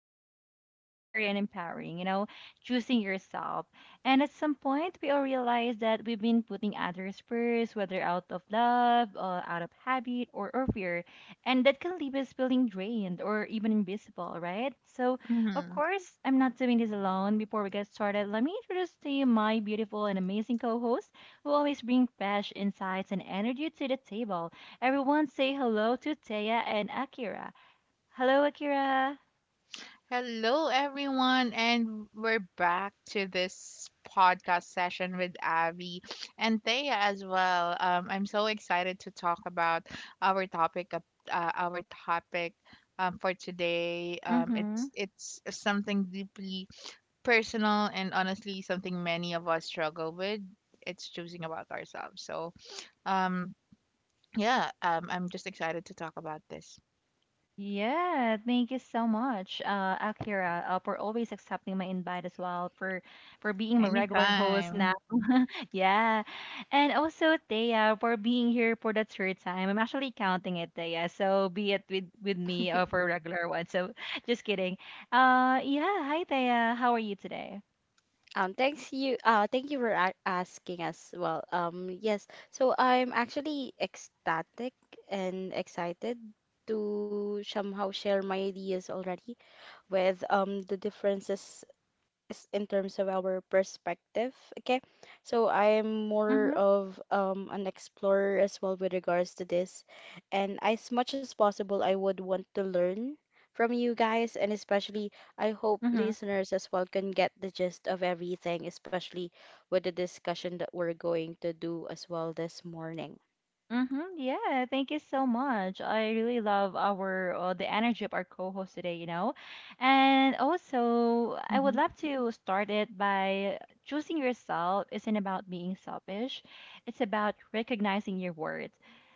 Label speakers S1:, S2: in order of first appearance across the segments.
S1: that can feel both scary and empowering, you know, choosing yourself. And at some point, we all realize that we've been putting others first, whether out of love, or out of habit, or fear. And that can leave us feeling drained or even invisible, right? So, of
S2: Mhm.
S1: course, I'm not doing this alone. Before we get started, let me introduce to you my beautiful and amazing co host who always bring fresh insights and energy to the table. Everyone say hello to Taya and Akira. Hello, Akira.
S2: Hello, everyone, and we're back to this podcast session with Abby and Thea as well. I'm so excited to talk about our topic of our topic for today. Um, it's
S1: Mm-hmm.
S2: it's something deeply personal and honestly something many of us struggle with. It's choosing about ourselves. So, um, yeah, I'm just excited to talk about this.
S1: Yeah, thank you so much, Akira, for always accepting my invite as well, for being my regular host
S2: Anytime.
S1: now. Yeah, and also Thea for being here for the third time. I'm actually counting it, Thea. So be it with me for a regular one. So just kidding. Yeah. Hi, Thea. How are you today?
S3: Thanks you. Thank you for a asking as well. Yes. So I'm actually ecstatic and excited to somehow share my ideas already with the differences is in terms of our perspective. Okay, so I'm more
S1: Mm-hmm.
S3: of an explorer as well with regards to this, and as much as possible, I would want to learn from you guys, and especially I hope
S1: Mm-hmm.
S3: listeners as well can get the gist of everything, especially with the discussion that we're going to do as well this morning.
S1: Mm-hmm. Yeah, thank you so much. I really love our the energy of our co-host today, you know. And also, I
S2: Mm-hmm.
S1: would love to start it by choosing yourself isn't about being selfish. It's about recognizing your worth,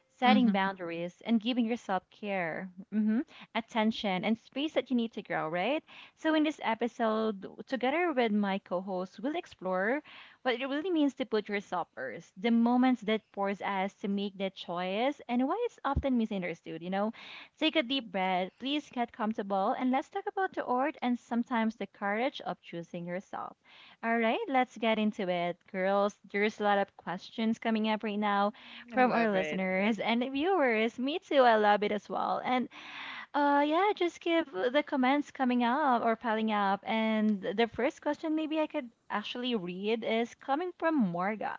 S1: setting
S2: Mm-hmm.
S1: boundaries, and giving yourself care, mm-hmm, attention, and space that you need to grow, right? So in this episode, together with my co-host, we'll explore what it really means to put yourself first, the moments that force us to make that choice, and why it's often misunderstood. You know, take a deep breath, please get comfortable, and let's talk about the art and sometimes the courage of choosing yourself. All right, let's get into it, girls. There's a lot of questions coming up right now
S2: I
S1: from our
S2: love it.
S1: listeners and viewers. Me too, I love it as well. And yeah, just give the comments coming up or piling up. And the first question, maybe I could actually read, is coming from Morga.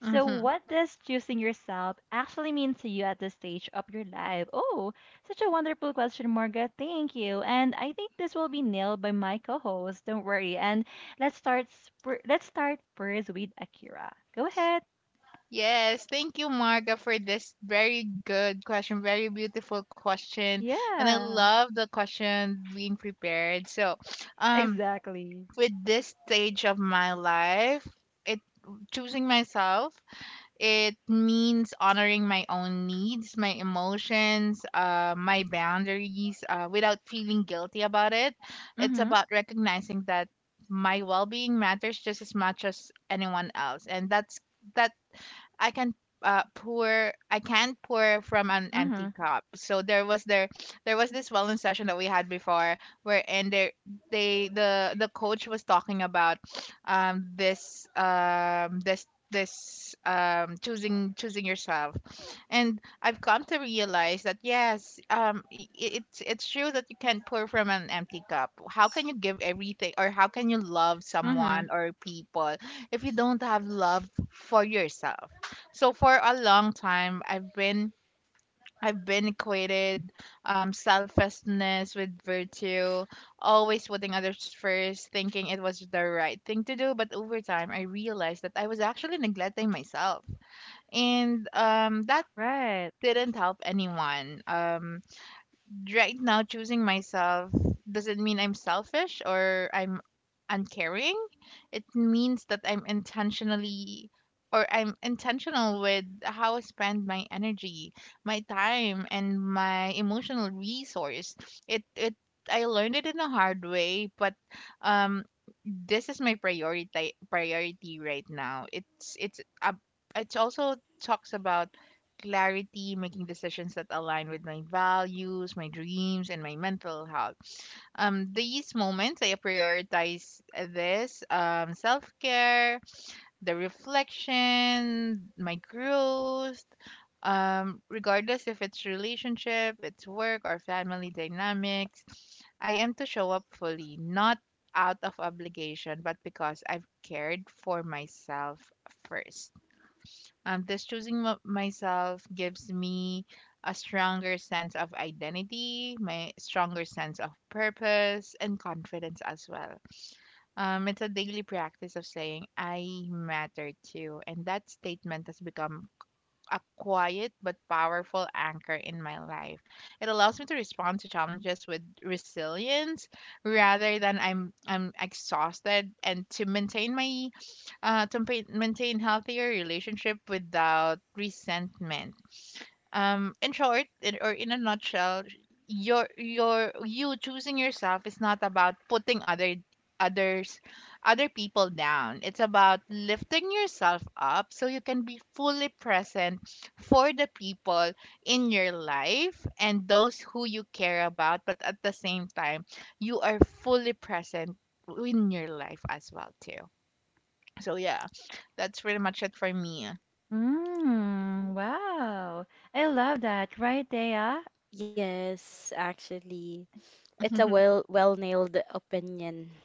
S1: So,
S2: Mm-hmm.
S1: what does choosing yourself actually mean to you at this stage of your life? Oh, such a wonderful question, Morga. Thank you. And I think this will be nailed by my co-host. Don't worry. And let's start. Let's start first with Akira. Go ahead.
S2: Yes, thank you, Marga, for this very good question, very beautiful question, and I
S1: Yeah,
S2: love the question being prepared. So, um,
S1: exactly.
S2: with this stage of my life, it choosing myself, it means honoring my own needs, my emotions, my boundaries, without feeling guilty about it. It's
S1: Mm-hmm.
S2: about recognizing that my well-being matters just as much as anyone else, and that's that I can pour I can't pour from an
S1: Mm-hmm.
S2: empty cup. So there was this wellness session that we had before where and there they the coach was talking about this this this choosing yourself, and I've come to realize that, yes, it's true that you can't pour from an empty cup. How can you give everything, or how can you love
S1: Mm-hmm.
S2: someone or people if you don't have love for yourself? So for a long time, I've been equated selflessness with virtue, always putting others first, thinking it was the right thing to do. But over time, I realized that I was actually neglecting myself, and that
S1: Right.
S2: didn't help anyone. Right now choosing myself doesn't mean I'm selfish or I'm uncaring. It means that I'm intentional with how I spend my energy, my time, and my emotional resource. It I learned it in a hard way, but um this is my priority right now. It also talks about clarity, making decisions that align with my values, my dreams, and my mental health. These moments, I prioritize this self care, the reflection, my growth, regardless if it's relationship, it's work, or family dynamics. I am to show up fully, not out of obligation, but because I've cared for myself first. Thus, choosing myself gives me a stronger sense of identity, my stronger sense of purpose, and confidence as well. It's a daily practice of saying, I matter too. And that statement has become a quiet but powerful anchor in my life. It allows me to respond to challenges with resilience rather than I'm exhausted, and to maintain my maintain healthier relationship without resentment. In short, in a nutshell, you choosing yourself is not about putting others other people down. It's about lifting yourself up so you can be fully present for the people in your life and those who you care about, but at the same time, you are fully present in your life as well too. So yeah, that's pretty much it for me.
S1: Mm,
S3: Mhm.
S1: wow. I love that, right, Dea?
S3: Yes, actually, it's a well nailed opinion.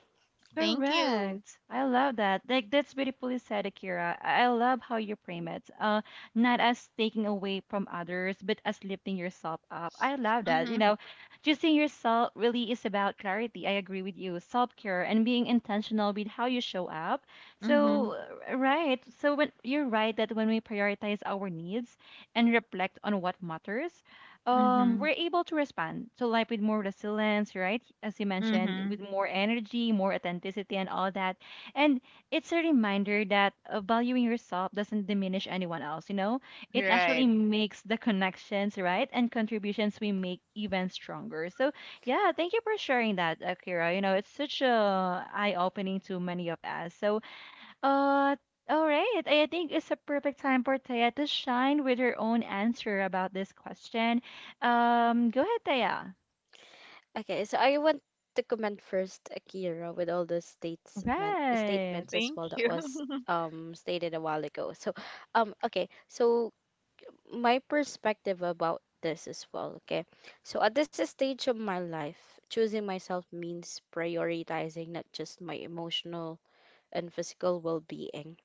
S2: Thank you.
S1: Correct. I love that. Like that's beautifully said, Akira. I love how you frame it. Not as taking away from others, but as lifting yourself up. I love that. You
S2: Mm-hmm.
S1: know, choosing yourself really is about clarity. I agree with you. Self-care and being intentional with how you show up.
S2: Mm-hmm.
S1: So, right. So when you're right that when we prioritize our needs and reflect on what matters, um,
S2: Mhm.
S1: we're able to respond to life with more resilience, right, as you mentioned, with
S2: Mhm.
S1: more energy, more authenticity, and all that. And it's a reminder that valuing yourself doesn't diminish anyone else, you know, it actually
S2: Right.
S1: makes the connections, right, and contributions we make even stronger. So yeah, thank you for sharing that, Akira. You know, it's such a eye opening to many of us. Uh, all right. I think it's a perfect time for Taya to shine with her own answer about this question. Go ahead, Taya.
S3: Okay, so I want to comment first, Akira, with all the statement
S1: Right.
S3: statements as
S2: Thank
S3: well that
S2: you.
S3: was stated a while ago. So, okay, so my perspective about this as well, okay? So at this stage of my life, choosing myself means prioritizing not just my emotional and physical well-being.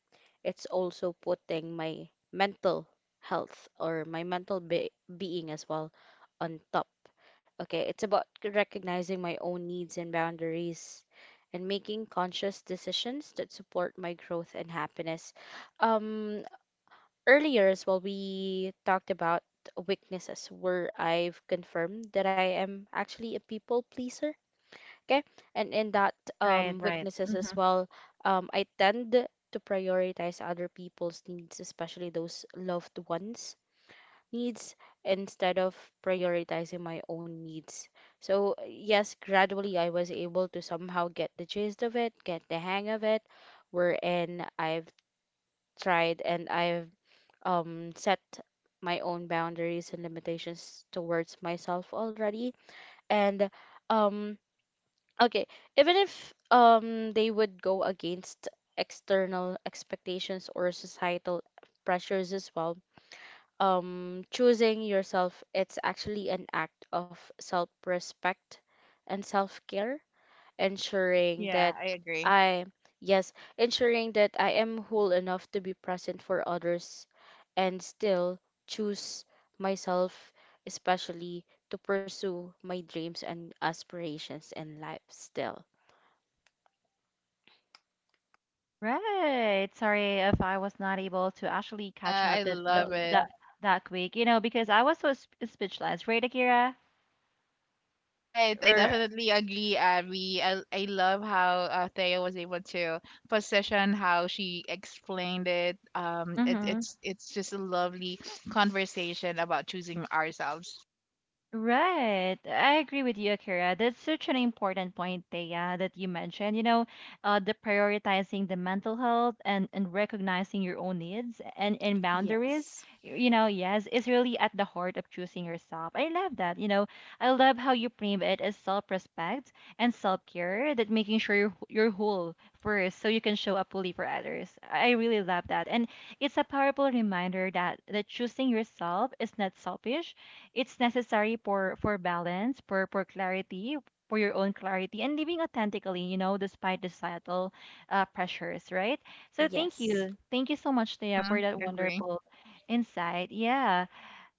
S3: It's also putting my mental health or my mental be being as well on top. Okay, it's about recognizing my own needs and boundaries and making conscious decisions that support my growth and happiness. Um, Earlier as well, we talked about weaknesses where I've confirmed that I am actually a people pleaser. Okay, and in that
S1: Right, right.
S3: weaknesses
S1: Hmm.
S3: as well, I tend to prioritize other people's needs, especially those loved ones needs instead of prioritizing my own needs. So, yes, gradually I was able to somehow get the gist of it, get the hang of it, wherein I've tried and I've set my own boundaries and limitations towards myself already. And, um, okay, even if they would go against external expectations or societal pressures as well, choosing yourself, it's actually an act of self respect and self care, ensuring
S2: Yeah,
S3: that
S2: I agree.
S3: I, yes, ensuring that I am whole enough to be present for others and still choose myself, especially to pursue my dreams and aspirations in life still.
S1: Right. Sorry if I was not able to actually catch
S2: Yeah, I
S1: up
S2: love it.
S1: that that quick, you know, because I was so sp speechless, right, Akira?
S2: Right. I
S1: Or,
S2: definitely agree, Abby. I love how Thea was able to position how she explained it. It's just a lovely conversation about choosing ourselves.
S1: Right. I agree with you, Akira. That's such an important point, Thea, that you mentioned. You know, the prioritizing the mental health and recognizing your own needs and boundaries,
S3: Yes.
S1: you know, yes, is really at the heart of choosing yourself. I love that. You know, I love how you frame it as self-respect and self-care, that making sure you're whole first so you can show up fully for others. I really love that. And it's a powerful reminder that choosing yourself is not selfish, it's necessary for balance, for clarity, for your own clarity, and living authentically, you know, despite the societal pressures, right? So
S3: Yes,
S1: thank you so much, Thea, for
S2: Mhm.
S1: that
S2: Agree.
S1: wonderful insight. Yeah.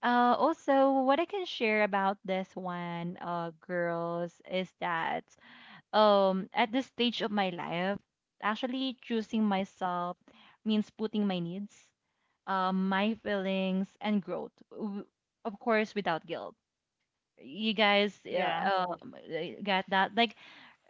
S1: Also, what I can share about this one, girls, is that at this stage of my life, actually choosing myself means putting my needs, my feelings, and growth, of course, without guilt. You guys,
S2: Yeah.
S1: get that, like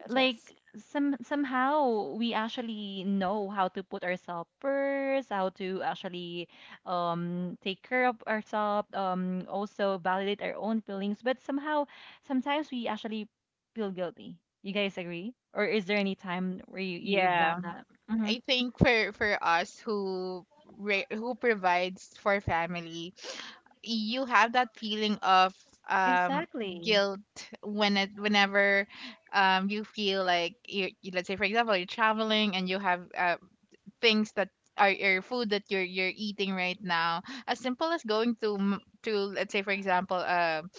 S1: like
S3: yes,
S1: some somehow we actually know how to put ourselves first, how to actually take care of ourselves, also validate our own feelings, but somehow sometimes we actually feel guilty. You guys agree, or is there any time where you you've done
S2: Yeah.
S1: that? Hmm.
S2: I think for us who who provides for family, you have that feeling of um
S1: Exactly.
S2: guilt when it whenever you feel like let's say, for example, you're traveling and you have things that are your food that you're eating right now, as simple as going to to, let's say for example, um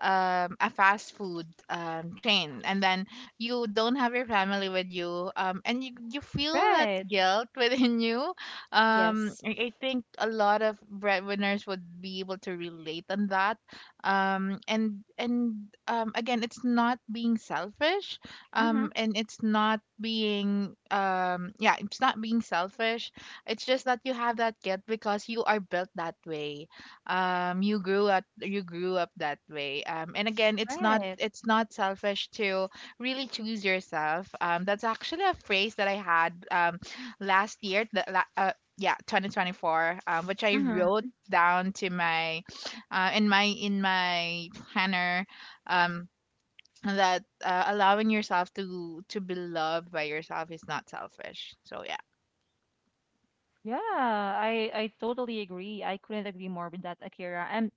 S2: um, a fast food chain, and then you don't have your family with you, and you feel that
S1: Right.
S2: guilt within you. Um,
S3: yes.
S2: I I think a lot of breadwinners would be able to relate on that. And Again, it's not being selfish,
S1: Mm-hmm.
S2: and it's not being it's not being selfish. It's just that you have that guilt because you are built that way. You grew up, that way. Um and again, it's not,
S1: Right.
S2: it's not selfish to really choose yourself. That's actually a phrase that I had last year, the, la- yeah 2024, which I
S1: Mm-hmm.
S2: wrote down to my in my planner, um that, allowing yourself to be loved by yourself is not selfish. So yeah.
S1: Yeah, I totally agree. I couldn't agree more with that, Akira. And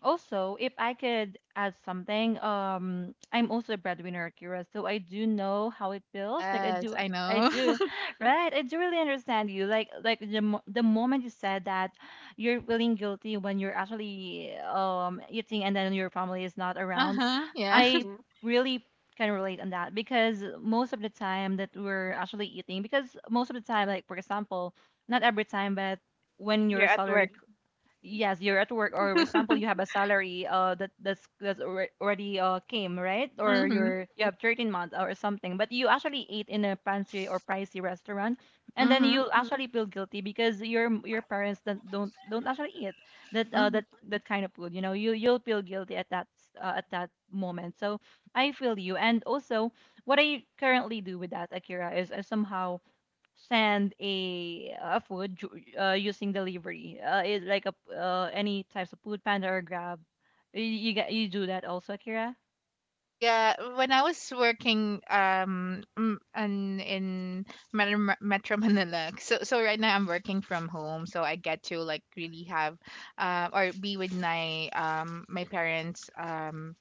S1: also, if I could add something, I'm also a breadwinner, Akira, so I do know how it feels. Like
S2: Yes, I
S1: I
S2: know.
S1: do, right? I do really understand you. Like the moment you said that, you're feeling guilty when you're actually, um, eating and then your family is not around.
S2: Uh-huh. Yeah.
S1: I Mhm. really can relate on that because most of the time that we're actually eating, because most of the time, like for example, not every time, but when your
S2: You're at
S1: salary,
S2: work.
S1: yes, you're at work. Or for example, you have a salary, that's already came, right? Or
S2: Mhm.
S1: you're, you have 13 months or something, but you actually ate in a fancy or pricey restaurant, and then
S2: Mhm.
S1: you'll Mhm. actually feel guilty because your parents don't actually eat that,
S2: Mhm.
S1: that kind of food, you know. You you'll feel guilty at at that moment. So I feel you. And also, what I currently do with that, Akira, is I somehow send a food using delivery. Like any types of food panda or grab. You get, you do that also, Akira?
S2: Yeah, when I was working in in Metro Manila, so so right now I'm working from home, so I get to like really have or be with my my parents.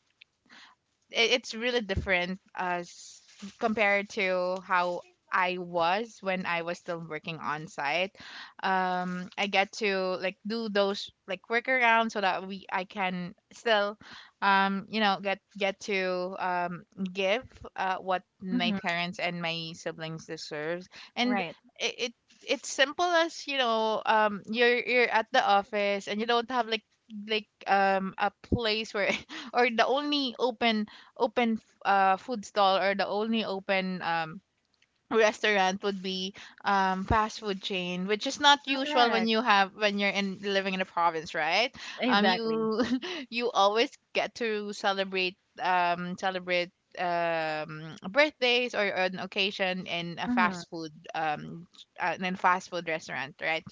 S2: I- it's really different as compared to how I was when I was still working on site. I get to like do those like workarounds so that we I can still, you know, get to give what my
S1: Mm-hmm.
S2: parents and my siblings deserve, and
S1: Right.
S2: it, it it's simple as, you know, you're at the office and you don't have like a place where, or the only open food stall, or the only open restaurant would be fast food chain, which is not usual when
S1: Correct.
S2: you have when you're in living in a province, right?
S1: Exactly.
S2: You you always get to celebrate um, celebrate birthdays or an occasion in a
S1: Mm-hmm.
S2: fast food restaurant, right?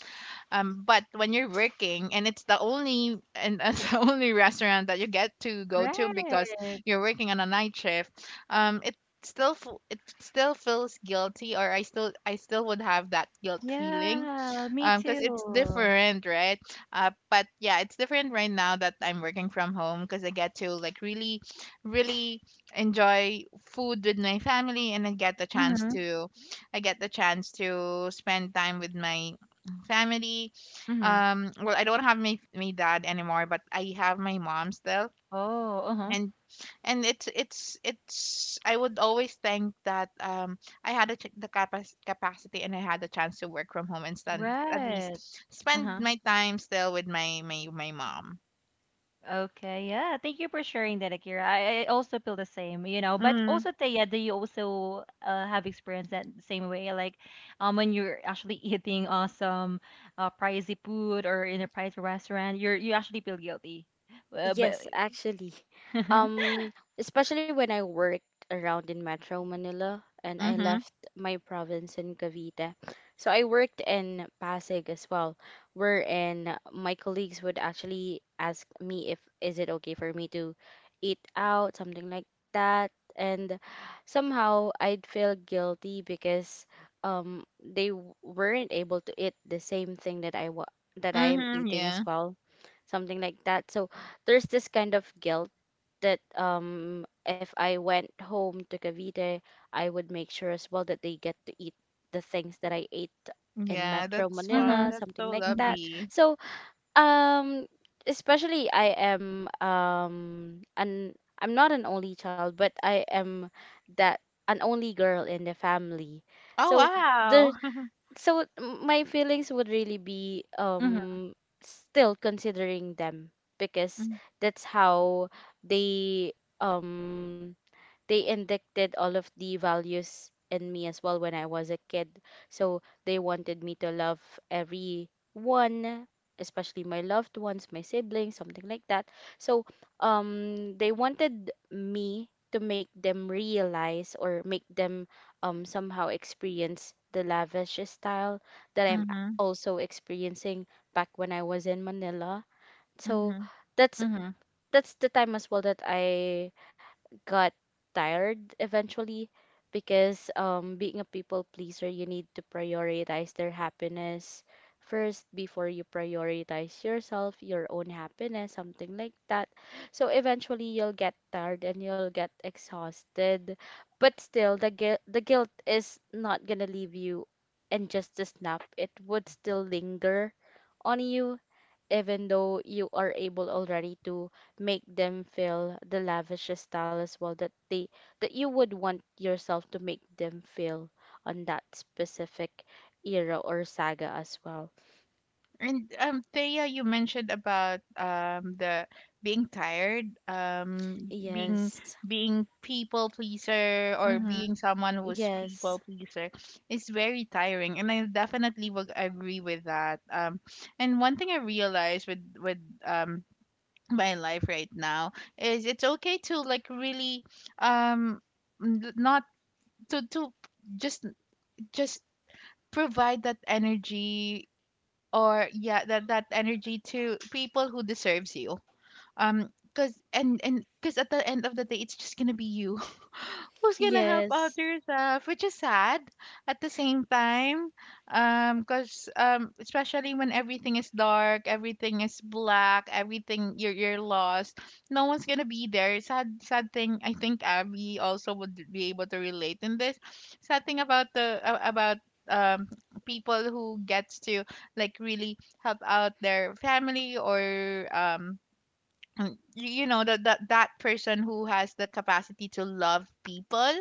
S2: But when you're working and it's the only and that's the only restaurant that you get to go to because
S1: Right.
S2: you're working on a night shift, it still it still feels guilty, or I still, I still would have that guilt feeling
S1: Yeah, me
S2: because it's
S1: too.
S2: different, right? But yeah, it's different right now that I'm working from home because I get to like really really enjoy food with my family, and
S1: Mm-hmm.
S2: I get the chance to spend time with my family.
S1: Mm-hmm.
S2: Well, I don't have my dad anymore, but I have my mom still,
S1: Oh, uh-huh.
S2: and it's I would always think that I had a, the capacity, and I had the chance to work from home and stand, at least
S1: Right. Uh
S2: spend
S1: huh.
S2: my time still with my mom.
S1: Okay, yeah. Thank you for sharing that, Akira. I also feel the same, you know. But
S2: Mm.
S1: also, Taya, do you also have experienced that same way? Like, when you're actually eating, some pricey food or in a pricey restaurant, you're, you actually feel guilty. But
S3: Yes, actually. Um, especially when I worked around in Metro Manila and I
S2: Mm-hmm.
S3: left my province in Cavite. So I worked in Pasig as well, wherein my colleagues would actually ask me if is it okay for me to eat out, something like that. And somehow I'd feel guilty because they weren't able to eat the same thing that I wa that I am
S2: Mm-hmm.
S3: eating as
S2: Yeah.
S3: well, something like that. So there's this kind of guilt that if I went home to Cavite, I would make sure as well that they get to eat the things that I ate in
S2: Yeah,
S3: Metro
S2: that's fun.
S1: Mm-hmm.
S3: Manila,
S2: That's so
S3: something like
S1: Mm-hmm.
S3: that.
S2: lovely.
S3: So, um especially I'm not an only child, but I am that an only girl in the family.
S2: Oh,
S3: So
S2: wow.
S3: the my feelings would really be
S1: Mm-hmm.
S3: still considering them because
S2: Mm-hmm.
S3: that's how they um they indicted all of the values in me as well when I was a kid. So they wanted me to love everyone, especially my loved ones, my siblings, something like that. So they wanted me to make them realize or make them somehow experience the lavish style that I'm also experiencing back when I was in Manila. So
S2: Mm-hmm.
S3: that's
S1: Mm-hmm.
S3: that's the time as well that I got tired eventually because being a people pleaser, you need to prioritize their happiness first before you prioritize yourself, your own happiness, something like that. So eventually you'll get tired and you'll get exhausted, but still the guilt is not gonna leave you and just a snap. It would still linger on you even though you are able already to make them feel the lavish style as well that they that you would want yourself to make them feel on that specific era or saga as well.
S2: And Thea, you mentioned about the being tired, being
S3: Yes.
S2: people pleaser, or
S1: Mm-hmm.
S2: being someone who's
S3: Yes.
S2: people pleaser is very tiring, and I definitely would agree with that. And one thing I realized with um my life right now is it's okay to like really um not to just just provide that energy, or yeah, that that energy to people who deserves you. Because, and because at the end of the day, it's just gonna be you who's gonna help out
S3: Yes.
S2: yourself, which is sad at the same time. Because especially when everything is dark, everything is black, everything, you're lost, no one's gonna be there. Sad, sad thing. I think Abby also would be able to relate in this, sad thing about about um people who gets to like really help out their family, or mm, you know, that that person who has the capacity to love people,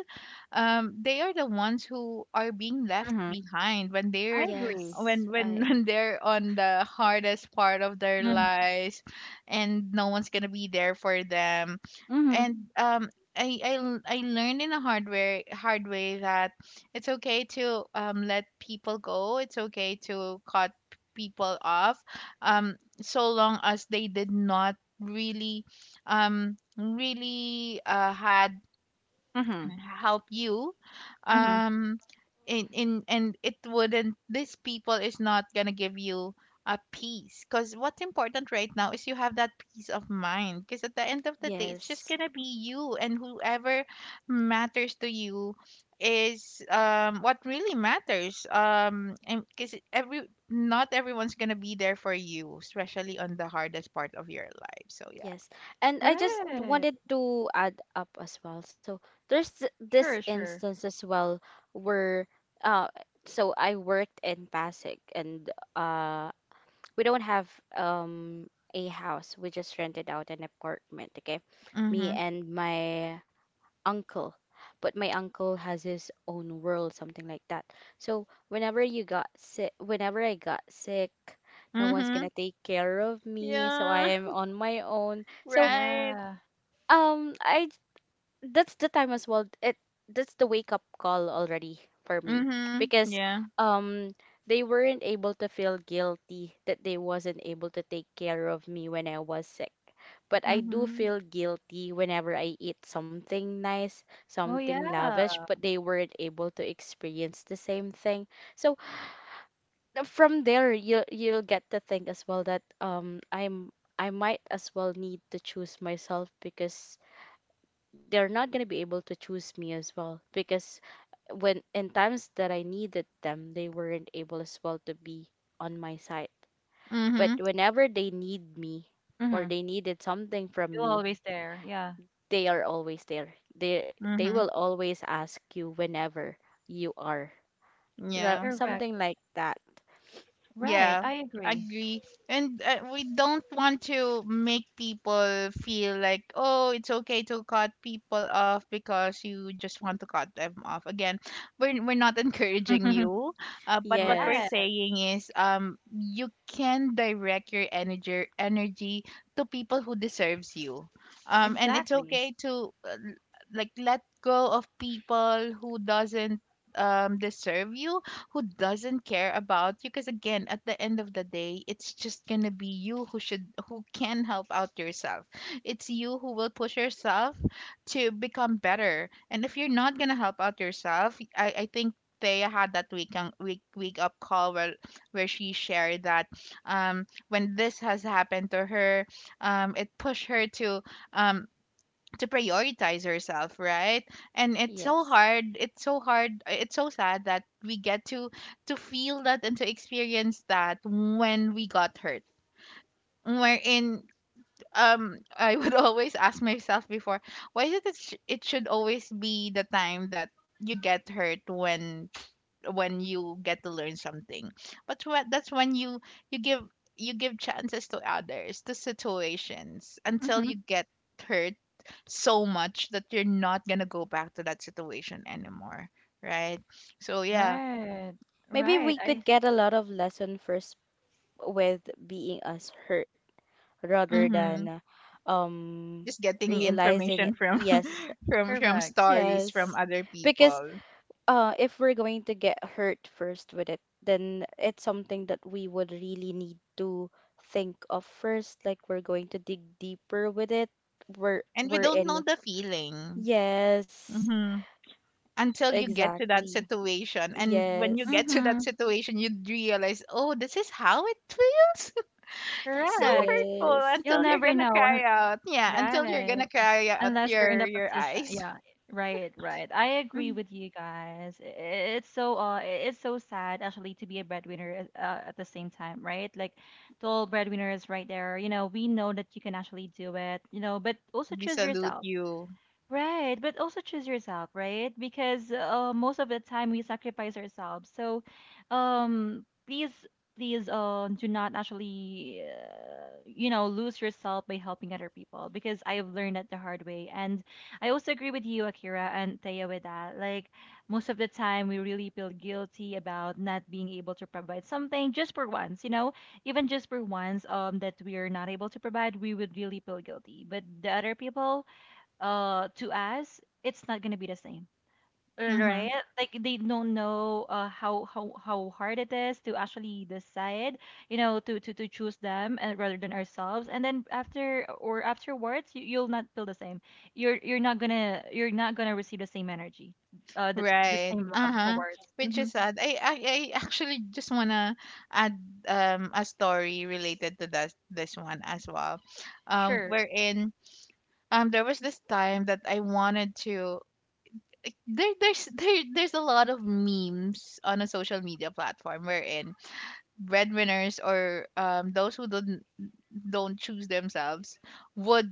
S2: they are the ones who are being left
S1: Mm-hmm.
S2: behind when
S1: I
S2: they're
S1: agree.
S3: Yes,
S2: when
S3: I
S2: when they're on the hardest part of their
S1: Mm-hmm.
S2: lives and no one's gonna be there for them.
S1: Mm-hmm.
S2: And I learned in a hard way, that it's okay to let people go. It's okay to cut people off, um so long as they did not really had
S1: Mm-hmm.
S2: help you,
S1: Mm-hmm.
S2: um in and it wouldn't, these people is not gonna give you a peace, because what's important right now is you have that peace of mind, because at the end of the day, it's just
S3: Yes.
S2: gonna be you, and whoever matters to you is what really matters. And because every not everyone's gonna be there for you, especially on the hardest part of your life. So yeah.
S3: Yes. And I just
S1: Right,
S3: wanted to add up as well. So there's this
S1: sure, sure.
S3: instance as well where uh so I worked in Pasig and uh we don't have um a house. We just rented out an apartment, okay? Me
S2: Mm-hmm.
S3: and my uncle. But my uncle has his own world, something like that. So whenever I got sick, no one's gonna
S2: Mm-hmm.
S3: take care of me, so I
S2: Yeah.
S3: am on my own. So
S2: Right.
S1: Yeah.
S3: I that's the time as well. It that's the wake up call already for me
S2: Mhm.
S3: because
S2: Yeah.
S3: um they weren't able to feel guilty that they wasn't able to take care of me when I was sick. But I do
S2: Mhm.
S3: feel guilty whenever I eat something nice,
S1: Oh
S3: something lavish,
S1: yeah,
S3: but they weren't able to experience the same thing. So from there, you you'll get to think as well that I might as well need to choose myself because they're not going to be able to choose me as well because when in times that I needed them, they weren't able as well to be on my side. But
S2: Mhm.
S3: whenever they need me or
S1: Mm-hmm.
S3: they needed something from
S1: you're
S3: me,
S1: always there. Yeah.
S3: they are always there. They will
S2: Mhm.
S3: always ask you whenever you are. So,
S2: Yeah.
S1: Correct.
S3: something like that.
S1: Right,
S2: Yeah,
S1: I agree.
S2: agree. And we don't want to make people feel like, oh, it's okay to cut people off because you just want to cut them off. Again, we're not encouraging you. But what we're
S1: Right,
S3: Yes.
S2: saying is, you can direct your energy to people who deserves you. And it's
S1: exactly.
S2: okay to like let go of people who doesn't deserve you, who doesn't care about you, because again, at the end of the day, it's just gonna be you who should who can help out yourself. It's you who will push yourself to become better. And if you're not gonna help out yourself, I think they had that week up call where she shared that when this has happened to her, it pushed her to, um to prioritize herself, right? And it's so
S3: Yes.
S2: hard, it's so hard, it's so sad that we get to feel that and to experience that, when we got hurt. Wherein, I would always ask myself before, why is it that it should always be the time that you get hurt, when you get to learn something? But what that's when you, you give you give chances to others, to situations, until
S1: Hmm.
S2: you get hurt so much that you're not gonna go back to that situation anymore, right? So yeah.
S1: Right,
S3: Maybe
S1: right.
S3: we
S1: I
S3: could get a lot of lesson first with being us hurt, rather
S2: Mm-hmm.
S3: than um
S2: Just getting
S3: realizing it.
S2: information from
S3: Yes,
S2: from
S1: correct.
S2: stories
S3: yes.
S2: from other
S3: Because
S2: people,
S3: if we're going to get hurt first with it, then it's something that we would really need to think of first, like we're going to dig deeper with it.
S2: and we
S3: We're
S2: don't know
S3: in.
S2: the feeling.
S3: Yes,
S2: Mm-hmm. Until you get to that
S3: exactly.
S2: situation. And when you
S3: Yes.
S2: get to that
S1: Hmm.
S2: situation, you'd realize, oh, this is how it feels. So
S1: Correct.
S2: hurtful,
S3: Yes.
S1: You'll
S2: until you're
S1: never
S2: gonna
S1: know.
S2: cry out. Yeah, until you're
S1: Right.
S2: gonna cry out
S1: Unless you're in
S2: your
S1: the
S2: your
S1: position.
S2: eyes.
S1: Yeah. Right, right. I agree
S2: Mhm.
S1: with you guys. It's so it's so sad actually to be a breadwinner at the same time, right? Like the old breadwinner is right there. You know, we know that you can actually do it, you know, but also
S2: We
S1: choose
S2: salute
S1: yourself.
S2: you.
S1: Right, but also choose yourself, right? Because, most of the time we sacrifice ourselves. So, please, please, do not actually, you know, lose yourself by helping other people. Because I've learned that the hard way, and I also agree with you, Akira and Taya, with that. Like most of the time, we really feel guilty about not being able to provide something just for once. You know, even just for once, that we are not able to provide, we would really feel guilty. But the other people, to us, it's not gonna be the same.
S2: Mm-hmm.
S1: Right, like they don't know, how hard it is to actually decide, you know, to choose them and rather than ourselves. And then after or afterwards, you'll not feel the same. You're not gonna you're not gonna receive the same energy, uh the, the
S2: Right.
S1: same love
S2: Uh-huh.
S1: towards.
S2: Which is
S1: Hmm.
S2: sad. I actually just wanna add a story related to this one as well.
S1: Sure.
S2: Wherein, there was this time that I wanted to, there's a lot of memes on a social media platform wherein breadwinners, or those who don't choose themselves, would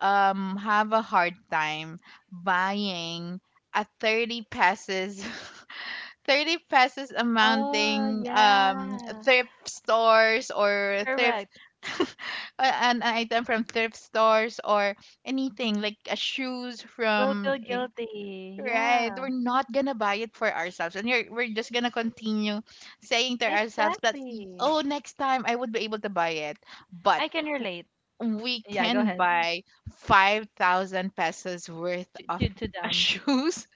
S2: have a hard time buying a 30 pesos 30 pesos
S1: Oh
S2: amounting
S1: yeah,
S2: thrift stores or thrift
S1: correct.
S2: a- an item from thrift stores, or anything like a shoes
S1: We'll
S2: from
S1: feel guilty,
S2: right.
S1: yeah.
S2: We're not gonna buy it for ourselves. We're just gonna continue saying to ourselves that,
S1: Exactly.
S2: oh, next time I would be able to buy it. But
S1: I can relate.
S2: we
S1: Yeah, go
S2: can
S1: ahead.
S2: buy 5,000 pesos worth of
S1: To them.
S2: shoes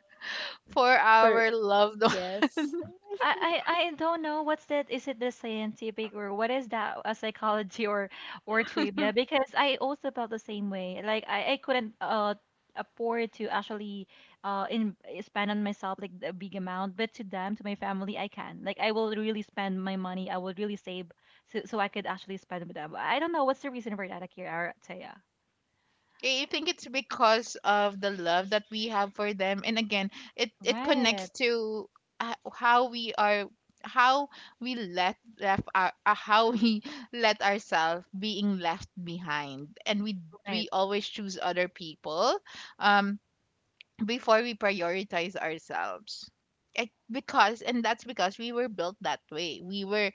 S2: for
S3: For
S2: our loved.
S3: yes,
S1: I don't know what's that. Is it the scientific or what is that? A psychology, or trivia? Because I also felt the same way. Like I couldn't afford to actually in spend on myself like a big amount, but to them, to my family, I can. Like I will really spend my money. I will really save so so I could actually spend with them. I don't know what's the reason for that, Akira or Taya.
S2: I think it's because of the love that we have for them, and again, it
S1: Right,
S2: connects to, how we are, how we let left our, how we let ourselves being left behind, and we
S1: right,
S2: always choose other people, um, before we prioritize ourselves. I, because, and that's because we were built that way, we were,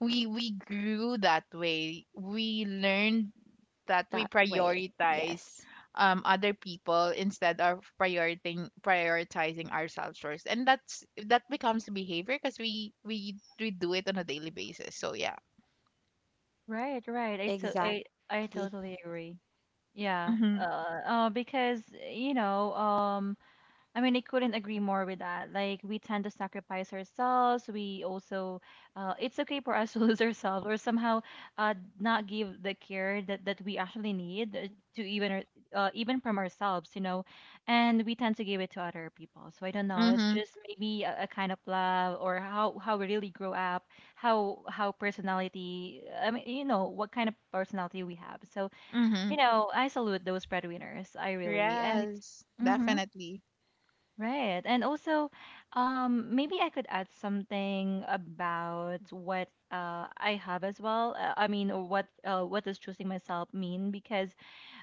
S2: we grew that way, we learned that
S3: that
S2: we
S3: way.
S2: prioritize
S3: Yes.
S2: other people instead of prioritizing ourselves first, and that's that becomes behavior, because we we do it on a daily basis, so yeah.
S1: right, right.
S3: Exactly.
S1: I totally agree. Yeah,
S2: Mhm.
S1: because you know, I mean, I couldn't agree more with that. Like, we tend to sacrifice ourselves. We also, it's okay for us to lose ourselves or somehow, uh, not give the care that we actually need to even from ourselves, you know, and we tend to give it to other people. So I don't know. It's
S2: Mhm.
S1: just maybe a kind of love or how we really grow up, how personality. I mean, you know, what kind of personality we have. So
S2: Mhm.
S1: you know, I salute those breadwinners. I really and
S2: Yes,
S1: mm-hmm,
S2: definitely.
S1: right. And also, maybe I could add something about what I have as well. I mean, or what does choosing myself mean? Because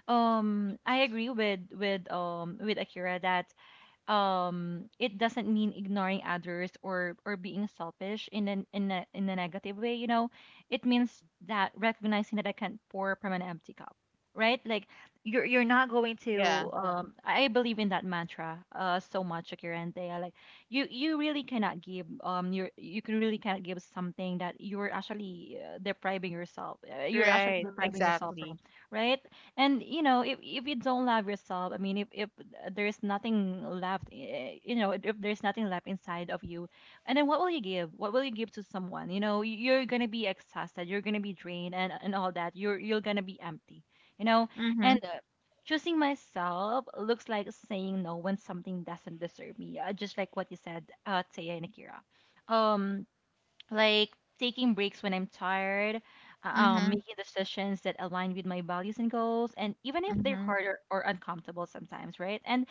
S1: I agree with with Akira that it doesn't mean ignoring others or being selfish in a negative way, you know. It means that recognizing that I can't pour from an empty cup, right? Like, you're not going
S2: Yeah,
S1: to, I believe in that mantra so much, Akira, and they like, you really cannot give, you can really cannot give something that you're actually, depriving yourself, you're actually
S2: right,
S1: depriving yourself from,
S2: exactly.
S1: right? And you know, if you don't love yourself. I mean, if there's nothing left, you know, if there's nothing left inside of you, and then what will you give? What will you give to someone? You know, you're gonna be exhausted, you're gonna be drained, and all that, you're gonna be empty, you know. And
S2: Mhm.
S1: choosing myself looks like saying no when something doesn't deserve me, just like what you said, Taya and Akira. um like taking breaks when I'm tired,
S2: Mhm.
S1: making decisions that align with my values and goals, and even if they're
S2: Mhm.
S1: hard or uncomfortable sometimes, right? And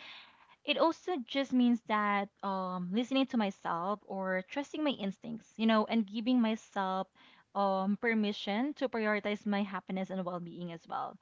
S1: it also just means that, listening to myself or trusting my instincts, you know, and giving myself permission to prioritize my happiness and well being as well,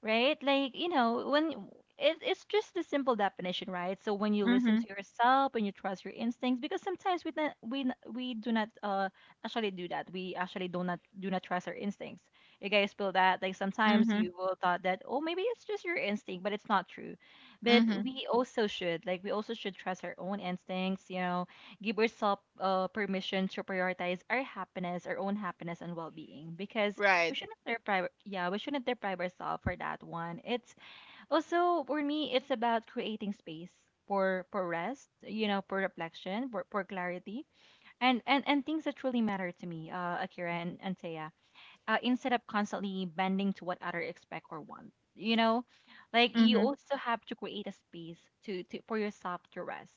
S1: right? Like, you know, when it's just a simple definition, right? So when you listen to
S2: Mhm.
S1: yourself and you trust your instincts, because sometimes we do not actually do that. We actually do not trust our instincts. You guys feel that? Like sometimes
S2: Mhm.
S1: you will thought that, oh, maybe it's just your instinct, but it's not true. But
S2: Mhm.
S1: we also should, like, we also should trust our own instincts. You know, give yourself permission to prioritize our happiness, our own happiness and well being, because we
S2: Right.
S1: shouldn't deprive yeah, we shouldn't deprive ourselves for that one. It's also for me, it's about creating space, for rest, you know, for reflection, for clarity, and things that truly matter to me, Akira, and Thea, instead of constantly bending to what others expect or want. You know, like, you
S2: Mhm.
S1: also have to create a space to for yourself to rest.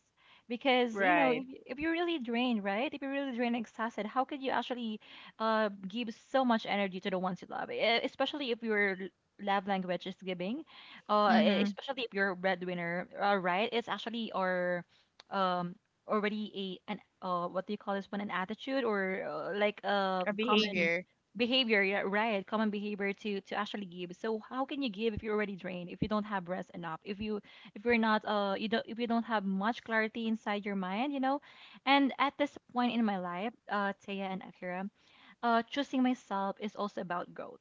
S1: Because, you know,
S2: Right.
S1: if you're really drained, right? If you're really drained and exhausted, how could you actually, give so much energy to the ones you love? Especially if your love language is giving,
S2: Mhm.
S1: especially if you're a breadwinner, right? It's actually or um already a an what do you call this one, an attitude or, like a
S2: A
S1: common
S2: behavior.
S1: behavior, yeah, right, common behavior to actually give. So how can you give if you're already drained, if you don't have rest enough, if you if you're not, you don't, if you don't have much clarity inside your mind, you know? And at this point in my life, Taya and Akira, choosing myself is also about growth,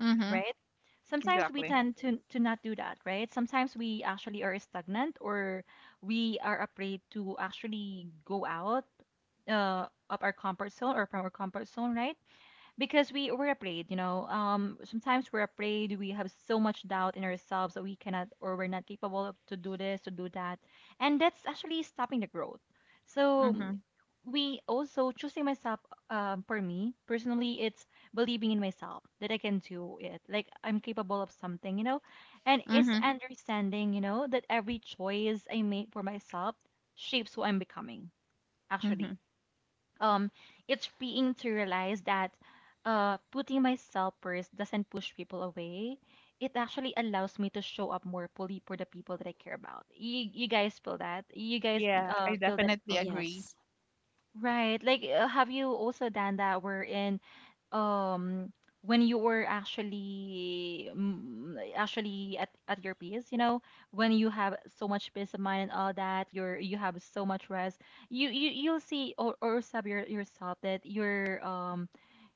S2: Mhm.
S1: right? Sometimes we
S2: Exactly.
S1: tend to not do that, right? Sometimes we actually are stagnant or we are afraid to actually go out, of our comfort zone or from our comfort zone, right? Because we're afraid, you know. Sometimes we're afraid, we have so much doubt in ourselves that we cannot or we're not capable of to do this, to do that, and that's actually stopping the growth. So
S2: Mhm.
S1: we also choosing myself, for me personally, it's believing in myself that I can do it, like I'm capable of something, you know. And it's
S2: Mhm.
S1: understanding, you know, that every choice I make for myself shapes who I'm becoming, actually.
S2: Mhm.
S1: um it's freeing to realize that, putting myself first doesn't push people away. It actually allows me to show up more fully for the people that I care about. You guys feel that? You guys,
S2: Yeah, I
S1: feel that
S2: definitely
S1: feeling?
S3: Yes.
S2: agree.
S1: Right. Like, have you also done that wherein, um, when you were actually like, actually at your peace, you know, when you have so much peace of mind and all that, you're, you have so much rest, you'll see or sub yourself that you're,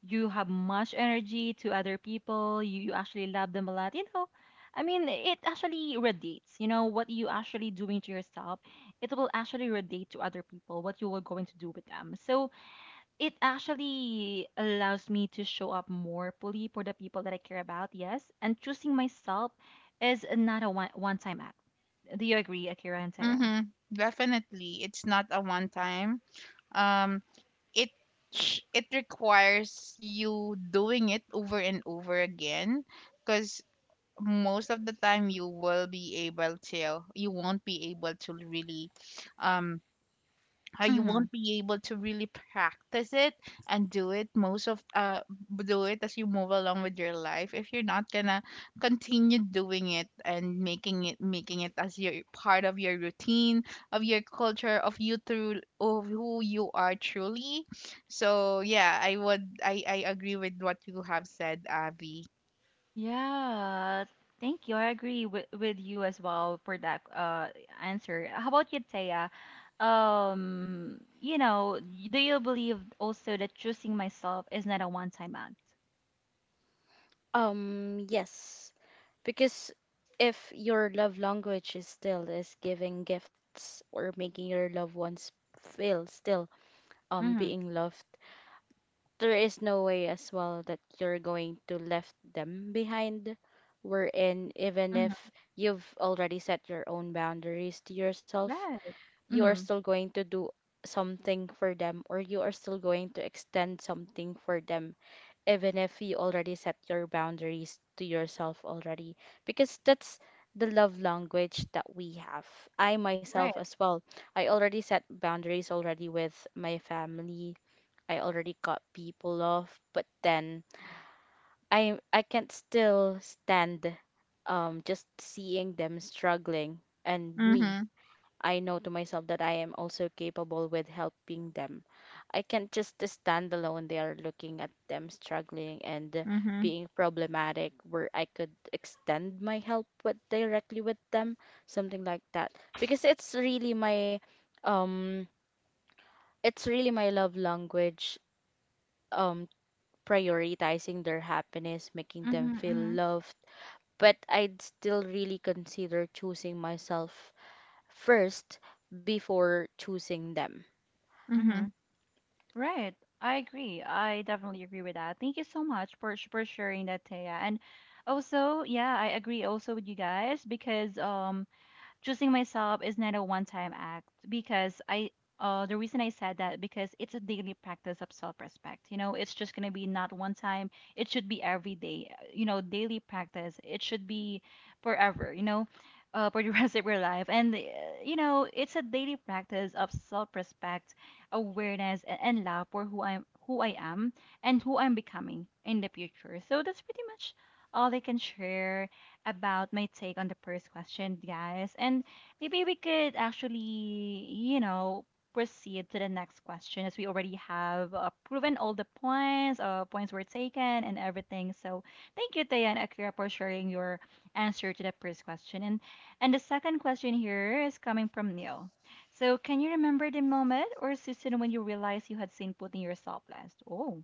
S1: you have much energy to other people. You actually love them a lot, you know. I mean, it actually radiates, you know, what you actually doing to yourself, it will actually relate to other people what you were going to do with them. So it actually allows me to show up more fully for the people that I care about, yes. And choosing myself is not a one time act. Do you agree, Akira and Taya?
S2: Mhm. Definitely, it's not a one time. Um, it it requires you doing it over and over again, because most of the time you will be able to, you won't be able to really, um you
S1: Mm-hmm.
S2: won't be able to really practice it and do it most of do it as you move along with your life, if you're not gonna continue doing it and making it, making it as your part of your routine, of your culture, of you through of who you are truly. So yeah, I would, I agree with what you have said, Avi.
S1: Yeah. Thank you. I agree with you as well for that answer. How about you, Taya? You know, do you believe also that choosing myself is not a one time act?
S3: Yes, because if your love language is still is giving gifts or making your loved ones feel still
S1: Mm-hmm.
S3: being loved, there is no way as well that you're going to left them behind. Wherein even if you've already set your own boundaries to yourself,
S1: Right.
S3: you are
S1: Mm-hmm.
S3: still going to do something for them or you are still going to extend something for them even if you already set your boundaries to yourself already because that's the love language that we have. I myself
S1: Right.
S3: as well, I already set boundaries already with my family. I already cut people off but then I can't still stand just seeing them struggling and me
S2: Mhm.
S3: I know to myself that I am also capable with helping them. I can't just stand alone there looking at them struggling and
S2: Mhm.
S3: being problematic where I could extend my help with directly with them, something like that. Because um it's really my love language, um prioritizing their happiness, making them
S1: Mm-hmm.
S3: feel
S1: Mm-hmm.
S3: loved. But I'd still really consider choosing myself first before choosing them.
S1: Mm-hmm.
S2: Mhm.
S1: Right. I agree. I definitely agree with that. Thank you so much for for sharing that, Taya. And also, yeah, I agree also with you guys because choosing myself is not a one-time act because I, the reason I said that, because it's a daily practice of self-respect. You know, it's just gonna be not one time. It should be every day. You know, daily practice. It should be forever. You know, for the rest of your life. And you know, it's a daily practice of self-respect, awareness, and love for who I am, and who I'm becoming in the future. So that's pretty much all I can share about my take on the first question, guys. And maybe we could actually, you know, proceed to the next question, as we already have, proven all the points, points were taken and everything. So thank you, Taya and Akira, for sharing your answer to the first question. And the second question here is coming from Neil. So can you remember the moment or season when you realized you had seen putting yourself last? Oh.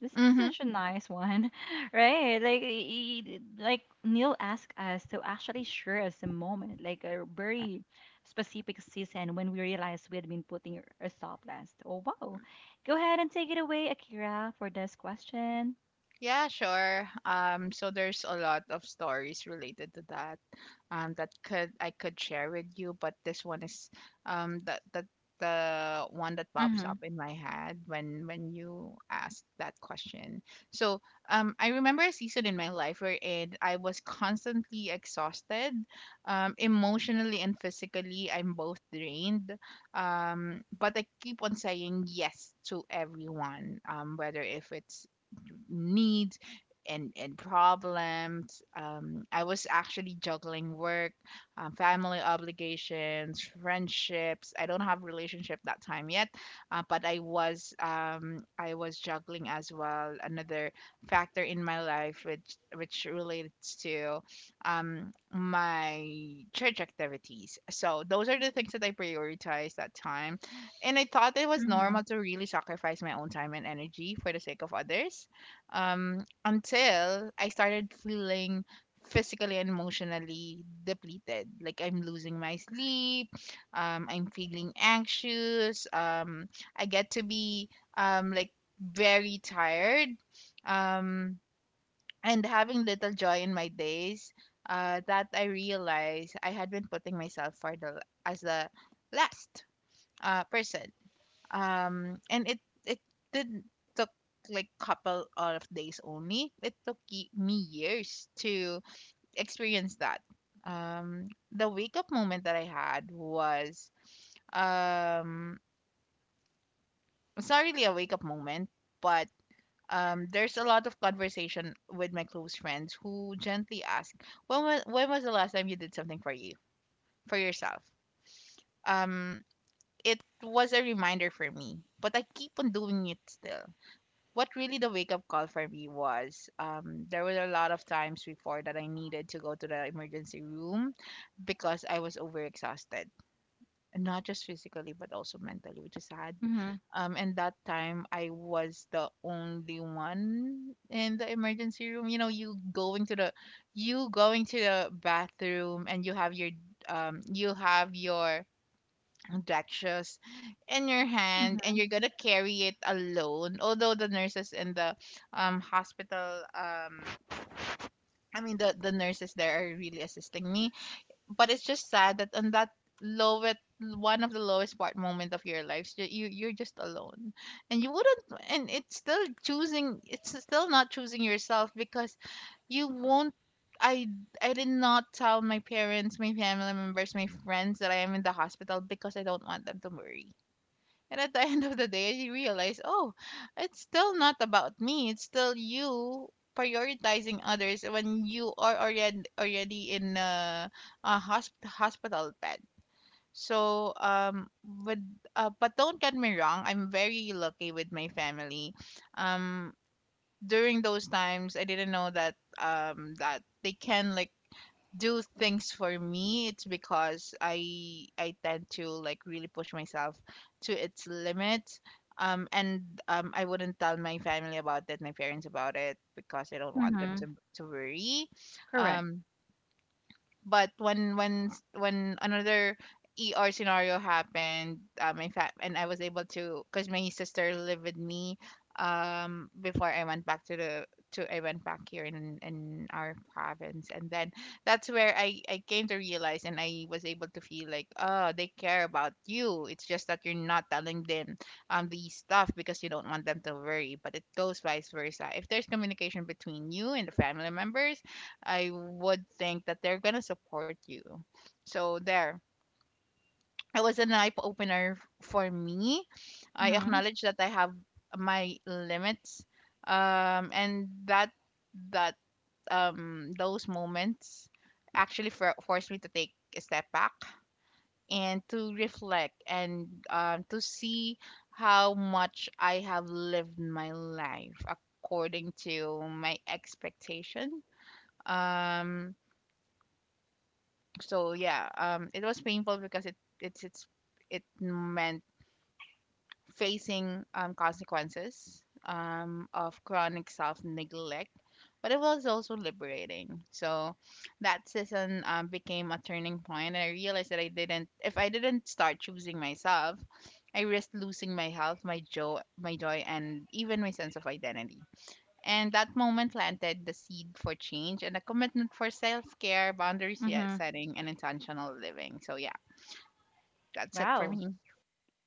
S1: This is
S2: Mhm.
S1: such a nice one, right? Like, like Neil asked us to actually share us a moment, like a very specific season when we realized we had been putting a stop last. Oh, wow! Go ahead and take it away, Akira, for this question.
S2: Yeah, sure. So there's a lot of stories related to that, that could I could share with you, but this one is, that that the one that pops
S1: Mm-hmm.
S2: up in my head when you ask that question. So, I remember a season in my life wherein I was constantly exhausted, emotionally and physically. I'm both drained, but I keep on saying yes to everyone, whether if it's needs and problems. I was actually juggling work, family obligations, friendships. I don't have relationship that time yet, but I was juggling as well another factor in my life, which relates to my church activities. So those are the things that I prioritized that time, and I thought it was
S1: Mm-hmm.
S2: normal to really sacrifice my own time and energy for the sake of others, until I started feeling physically and emotionally depleted. Like I'm losing my sleep, I'm feeling anxious, I get to be um, like very tired, um, and having little joy in my days. That I realized I had been putting myself for the as the last person. And it it did took like couple of days only, it took me years to experience that. The wake up moment that I had was, um it's not really a wake up moment, but there's a lot of conversation with my close friends who gently ask, when was the last time you did something for you, for yourself? um it was a reminder for me, but I keep on doing it still. What really the wake up call for me was, there were a lot of times before that I needed to go to the emergency room, because I was overexhausted, and not just physically but also mentally, which is sad.
S1: Mm-hmm.
S2: And that time I was the only one in the emergency room. You know, you going to the bathroom and you have your um you have your Draxios in your hand, and
S1: Mm-hmm.
S2: you're gonna carry it alone. Although the nurses in the hospital, the nurses there are really assisting me. But it's just sad that on that lowest one of the lowest part moment of your life, you you're just alone, and you wouldn't and it's still not choosing yourself, because you won't, I I did not tell my parents, my family members, my friends that I am in the hospital, because I don't want them to worry. And at the end of the day, I realized, oh, it's still not about me. It's still you prioritizing others when you are already in a, a hospital bed. So but don't get me wrong, I'm very lucky with my family. Um, During those times, I didn't know that that they can like do things for me. It's because I tend to like really push myself to its limits, and I wouldn't tell my family about it, my parents about it, because I don't want them
S1: Mm-hmm.
S2: to worry.
S1: Correct.
S2: um but when when another ER scenario happened, and I was able to, because my sister lived with me before I went back to the, to I went back here in our province, and then that's where I came to realize and I was able to feel like, oh, they care about you, it's just that you're not telling them these stuff because you don't want them to worry, but it goes vice versa. If there's communication between you and the family members, I would think that they're gonna support you. So there, it was an eye opener for me. I
S1: Mm-hmm.
S2: acknowledge that I have my limits, and that that those moments actually forced me to take a step back and to reflect, and to see how much I have lived my life according to my expectation. Um, so yeah, it was painful because it it's it meant facing consequences of chronic self neglect, but it was also liberating. So that season became a turning point, and I realized that I didn't if I didn't start choosing myself, I risked losing my health, my joy, and even my sense of identity. And that moment planted the seed for change and a commitment for self care, boundaries yet
S1: Mm-hmm.
S2: setting, and intentional living. So yeah, that's it for
S1: Wow.
S2: me.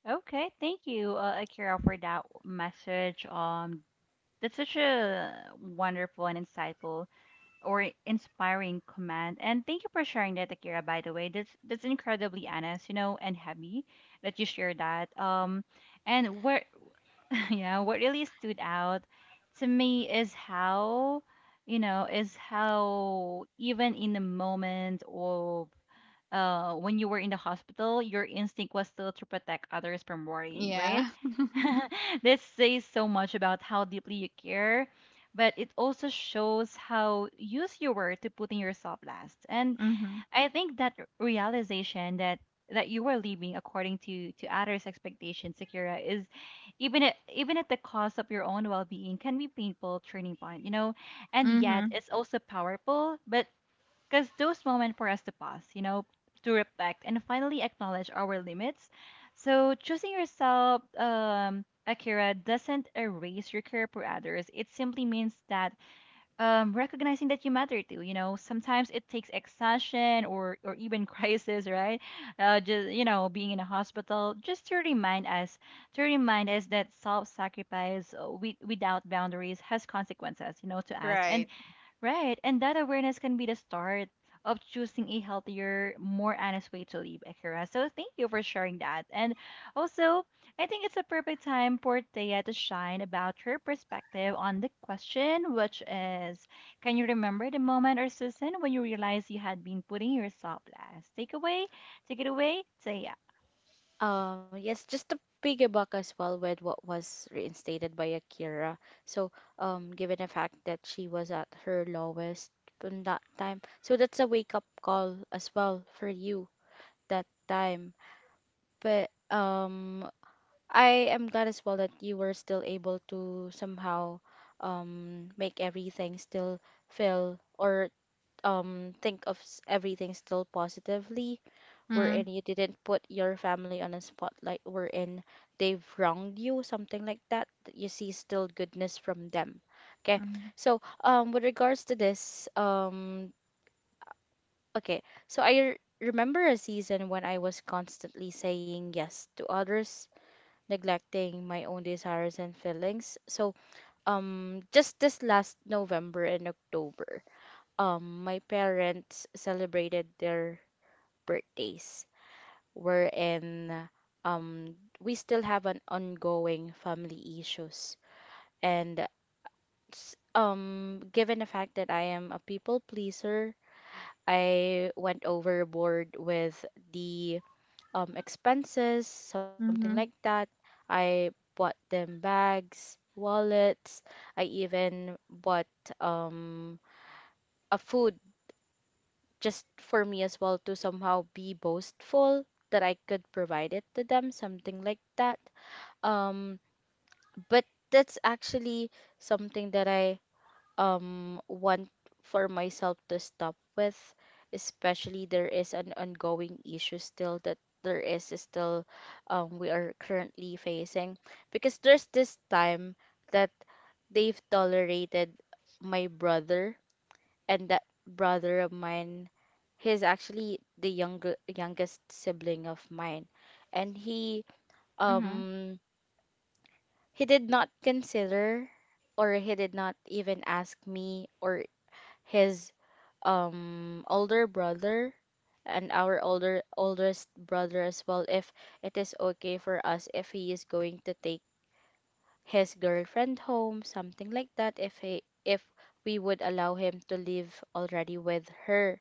S1: Okay, thank you, Akira, for that message. That's such a wonderful and insightful or inspiring command. And thank you for sharing that, Akira, by the way. That's incredibly honest, you know, and happy that you share that. And what yeah, what really stood out to me is how, you know, is how even in the moment of, when you were in the hospital, your instinct was still to protect others from worrying, right?
S2: Yeah.
S1: This says so much about how deeply you care, but it also shows how used you were to putting yourself last. And
S2: Mm-hmm.
S1: I think that realization that you were living according to others' expectations, Sakura, is even at the cost of your own well-being, can be painful turning point, you know. And
S2: Mm-hmm.
S1: yet, it's also powerful, but because those moments for us to pause, you know, to reflect and finally acknowledge our limits. So choosing yourself, Akira, doesn't erase your care for others. It simply means that, recognizing that you matter too. You know, sometimes it takes exhaustion or even crisis, right? Just, you know, being in a hospital, just to remind us that self-sacrifice, without boundaries, has consequences. You know, to us and
S2: Right.
S1: Right. And that awareness can be the start of choosing a healthier, more honest way to live, Akira. So thank you for sharing that. And also, I think it's a perfect time for Thea to shine about her perspective on the question, which is, can you remember the moment or season when you realized you had been putting yourself last? Take away, take it away, Thea.
S3: Yes, just to piggyback as well with what was reinstated by Akira. So, given the fact that she was at her lowest in that time, so that's a wake up call as well for you that time. But I am glad as well that you were still able to somehow make everything still feel or everything still positively
S2: Mm-hmm.
S3: wherein you didn't put your family on a spotlight, wherein they've wronged you, something like that, that you see still goodness from them. Okay. So, with regards to this, okay. So I remember a season when I was constantly saying yes to others, neglecting my own desires and feelings. So, just this last November and October, my parents celebrated their birthdays, wherein um we still have an ongoing family issues and given the fact that I am a people pleaser, I went overboard with the expenses, something like
S2: Mm-hmm.
S3: that. I bought them bags, wallets. I even bought um a food just for me as well to somehow be boastful that I could provide it to them, something like that. Um, but that's actually something that I want for myself to stop with, especially there is an ongoing issue still that there is still we are currently facing because there's this time that they've tolerated my brother and that brother of mine, he's actually the younger youngest sibling of mine and
S1: Mm-hmm.
S3: um he did not consider or he did not even ask me or his older brother and our older oldest brother as well if it is okay for us if he is going to take his girlfriend home, something like that, if he if we would allow him to live already with her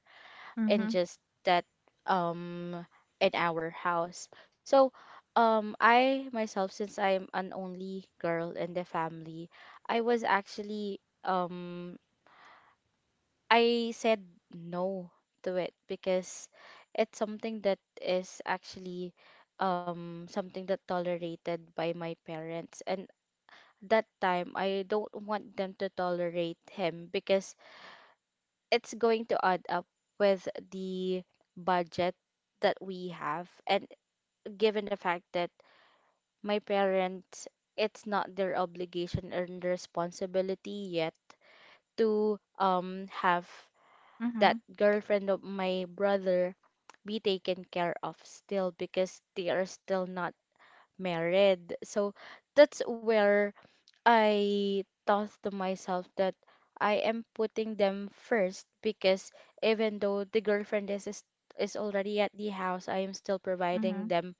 S3: in
S2: Mm-hmm.
S3: just that um in our house. So I myself, since I'm an only girl in the family, I was actually um I said no to it because it's something that is actually something that tolerated by my parents and that time I don't want them to tolerate him because it's going to add up with the budget that we have. And given the fact that my parents, it's not their obligation and responsibility yet to have that
S1: Mm-hmm.
S3: girlfriend of my brother be taken care of still because they are still not married. So that's where I thought to myself that I am putting them first because even though the girlfriend is is already at the house, I am still providing
S1: Mm-hmm.
S3: them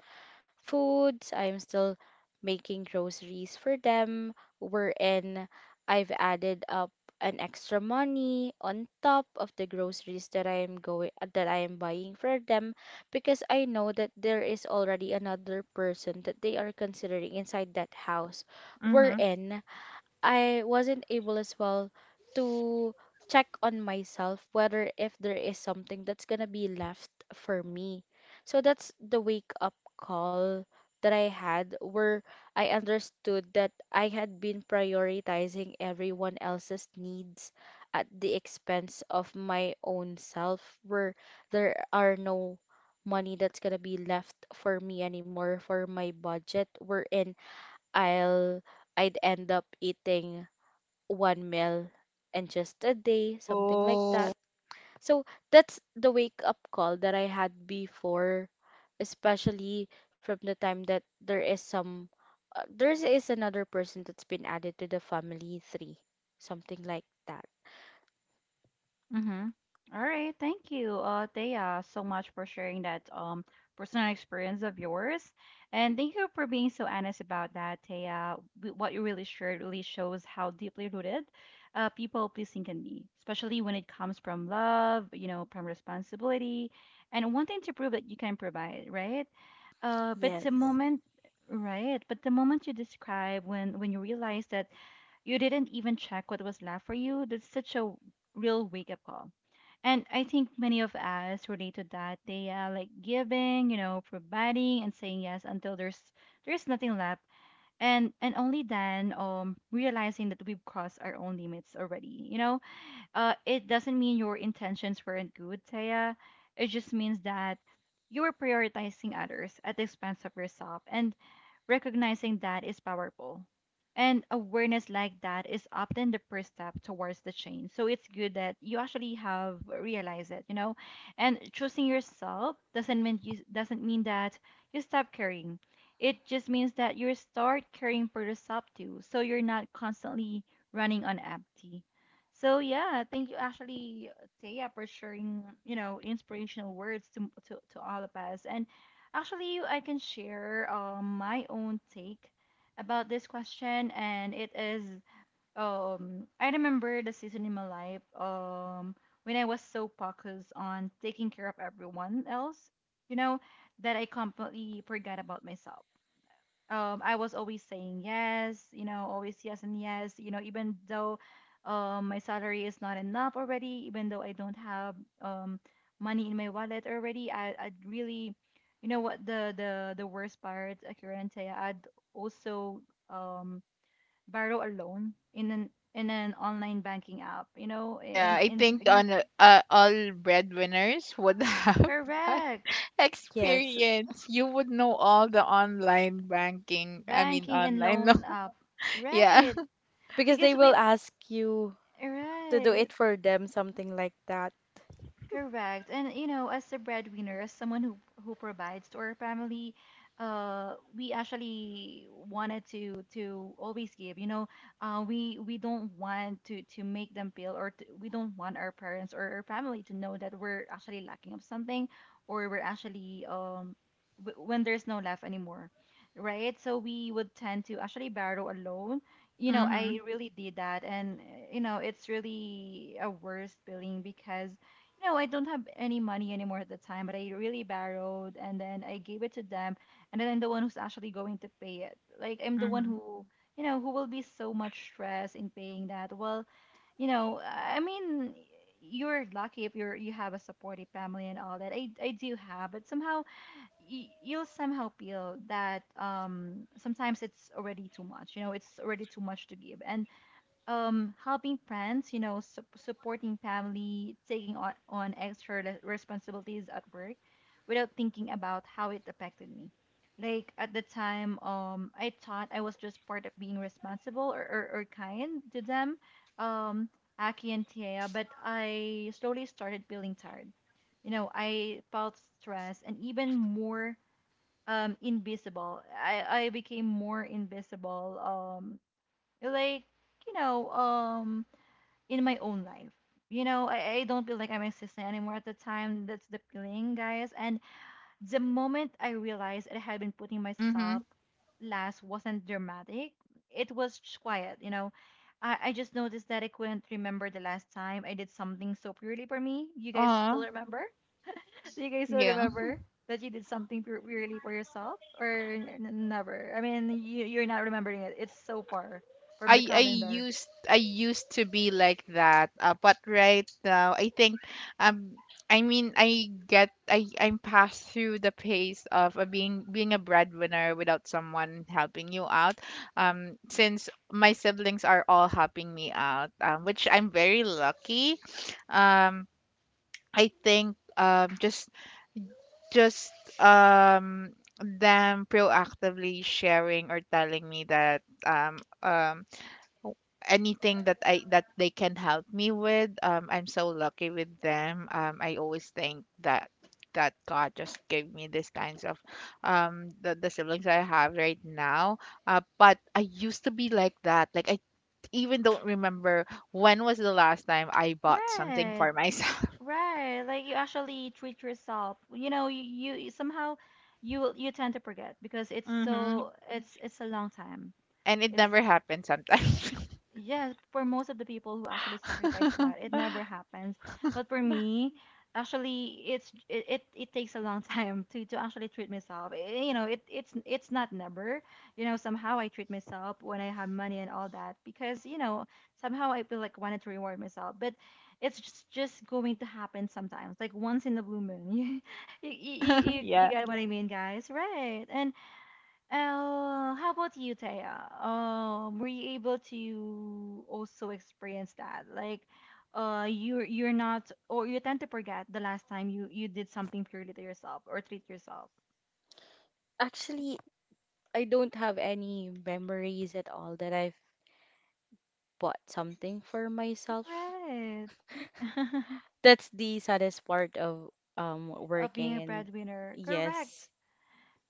S3: foods, I am still making groceries for them, wherein I've added up an extra money on top of the groceries that I am buying for them because I know that there is already another person that they are considering inside that house
S2: Mm-hmm.
S3: wherein I wasn't able as well to check on myself whether if there is something that's gonna be left for me. So that's the wake up call that I had where I understood that I had been prioritizing everyone else's needs at the expense of my own self where there are no money that's gonna be left for me anymore for my budget wherein I'll I'd end up eating one meal and just a day, something like
S2: Oh,
S3: that. So that's the wake up call that I had before, especially from the time that there is some, there is another person that's been added to the family three, something like that.
S1: Mm-hmm. All right. Thank you, Thea, so much for sharing that personal experience of yours, and thank you for being so honest about that, Thea. What you really shared really shows how deeply rooted people pleasing can be, especially when it comes from love, you know, from responsibility, and wanting to prove that you can provide, right? Uh, but the
S3: Yes.
S1: moment, right? But the moment you describe when you realize that you didn't even check what was left for you, that's such a real wake up call. And I think many of us relate to that. They are like giving, you know, providing and saying yes until there's nothing left. And only then realizing that we've crossed our own limits already, you know? It doesn't mean your intentions weren't good, Taya. It just means that you were prioritizing others at the expense of yourself, and recognizing that is powerful. And awareness like that is often the first step towards the change. So it's good that you actually have realized it, you know. And choosing yourself doesn't mean that you stop caring. It just means that you start caring for yourself too. So you're not constantly running on empty, so yeah, thank you actually, Taya, for sharing, you know, inspirational words to to all of us. And actually, I can share my own take about this question, and it is I remember the season in my life when I was so focused on taking care of everyone else, you know, that I completely forgot about myself. I was always saying yes, you know, always yes and yes, you know, even though my salary is not enough already, even though I don't have um money in my wallet already, I'd really, you know what the worst part, Akirante, I'd also um borrow a loan in an online banking app, you know,
S2: yeah. I
S1: in
S2: think
S3: Hmm.
S2: all breadwinners would have that
S1: correct
S3: Yes.
S2: experience. You would know all the online banking. I mean,
S1: banking and
S2: online. No,
S1: loan app,
S2: yeah.
S1: right?
S3: Because they
S1: Because
S3: will
S1: we,
S3: ask you to do
S1: right.
S3: it for them, something like that.
S1: Correct. And you know, as a breadwinner, as someone who provides to our family, we actually wanted to always give. You know, we don't want to make them feel, or to, we don't want our parents or our family to know that we're actually lacking of something, or we're actually when there's no left anymore, right? So we would tend to actually borrow a loan. You know, I
S2: Mm-hmm.
S1: really did that, and you know, it's really a worst feeling because you know, I don't have any money anymore at the time, but I really borrowed and then I gave it to them. And then I'm the one who's actually going to pay it. Like, I'm the one
S2: Mm-hmm.
S1: who, you know, who will be so much stress in paying that. Well, you know, I mean, you're lucky if you have a supportive family and all that. I do have, but somehow you'll somehow feel that sometimes it's already too much. You know, it's already too much to give. And helping friends, you know, supporting family, taking on extra responsibilities at work without thinking about how it affected me, like at the time I thought I was just part of being responsible, or kind to them, um Aki and Tia, but I slowly started feeling tired. You know, I felt stressed and even more invisible. I became more invisible, like, you know, in my own life. You know, I don't feel like I'm existing anymore at the time. That's the feeling, guys. And the moment I realized I had been putting myself
S2: Mm-hmm.
S1: last wasn't dramatic, it was just quiet, you know. I just noticed that I couldn't remember the last time I did something so purely for me. You guys
S2: Aw.
S1: still remember? Do you guys still
S2: Yeah.
S1: remember that you did something purely for yourself? Or never? I mean, you're not remembering it. It's so far from the calendar.
S2: I used to be like that, but right now I think, um I mean I get I I'm past through the pace of being a breadwinner without someone helping you out. Since my siblings are all helping me out, which I'm very lucky. Um, I think just um them proactively sharing or telling me that anything that I that they can help me with. I'm so lucky with them. I always think that God just gave me these kinds of the siblings I have right now. But I used to be like that. Like I even don't remember when was the last time I bought something
S1: Right,
S2: for myself.
S1: right. Like you actually treat yourself. You know, somehow you tend to forget because it's
S2: Hmm.
S1: so, it's a long time.
S2: And it
S1: It's,
S2: never happened sometimes.
S1: yeah, for most of the people who actually sacrifice a lot, it never happens. But for me, actually, it takes a long time to actually treat myself. Eh, you know, it's not never. You know, somehow I treat myself when I have money and all that because you know somehow I feel like wanted to reward myself. But it's just going to happen sometimes, like once in the blue moon. You
S2: Yeah.
S1: got what I mean, guys, right? And how about you, Taya? Were you able to also experience that? Like, you're not, or you tend to forget the last time you did something purely to yourself or treat yourself.
S3: Actually, I don't have any memories at all that I've bought something for myself.
S1: Right.
S3: That's the saddest part of
S1: Of being a
S3: working and
S1: breadwinner, correct.
S3: yes.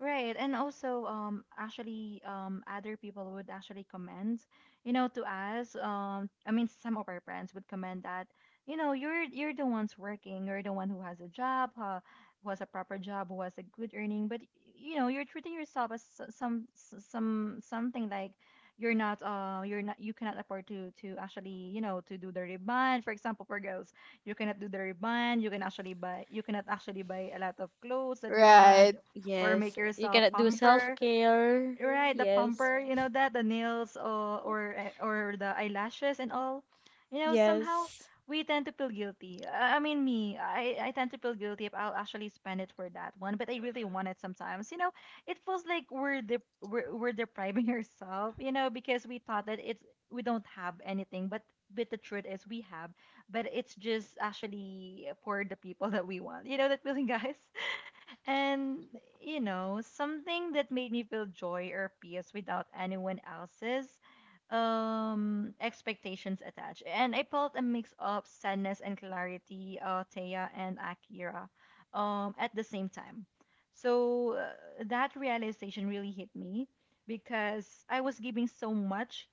S1: Right, and also actually other people would actually comment, you know, to us. I mean, some of our friends would comment that, you know, you're the ones working, you're the one who has a job, who has a proper job, who has a good earning, but you know, you're treating yourself as some something like you're not, you cannot afford to actually, you know, to do the ribbon. For example, for girls, you cannot do the ribbon. You cannot actually buy a lot of clothes that you want,
S2: Right.
S1: or make
S3: Yes. You
S1: yourself
S3: cannot do
S1: pamper.
S3: self-care.
S1: Right, the
S3: Yes.
S1: pamper, you know that the nails, or or the eyelashes and all. You know, somehow
S3: Yes.
S1: we tend to feel guilty. I mean, me, I tend to feel guilty if I'll actually spend it for that one, but I really want it sometimes. You know, it feels like we're depriving ourselves, you know, because we thought that it's, we don't have anything, but the truth is we have, but it's just actually for the people that we want. You know that feeling, guys? And, you know, something that made me feel joy or peace without anyone else's expectations attached. And I felt a mix of sadness and clarity, Taya and Akira, at the same time. So that realization really hit me because I was giving so much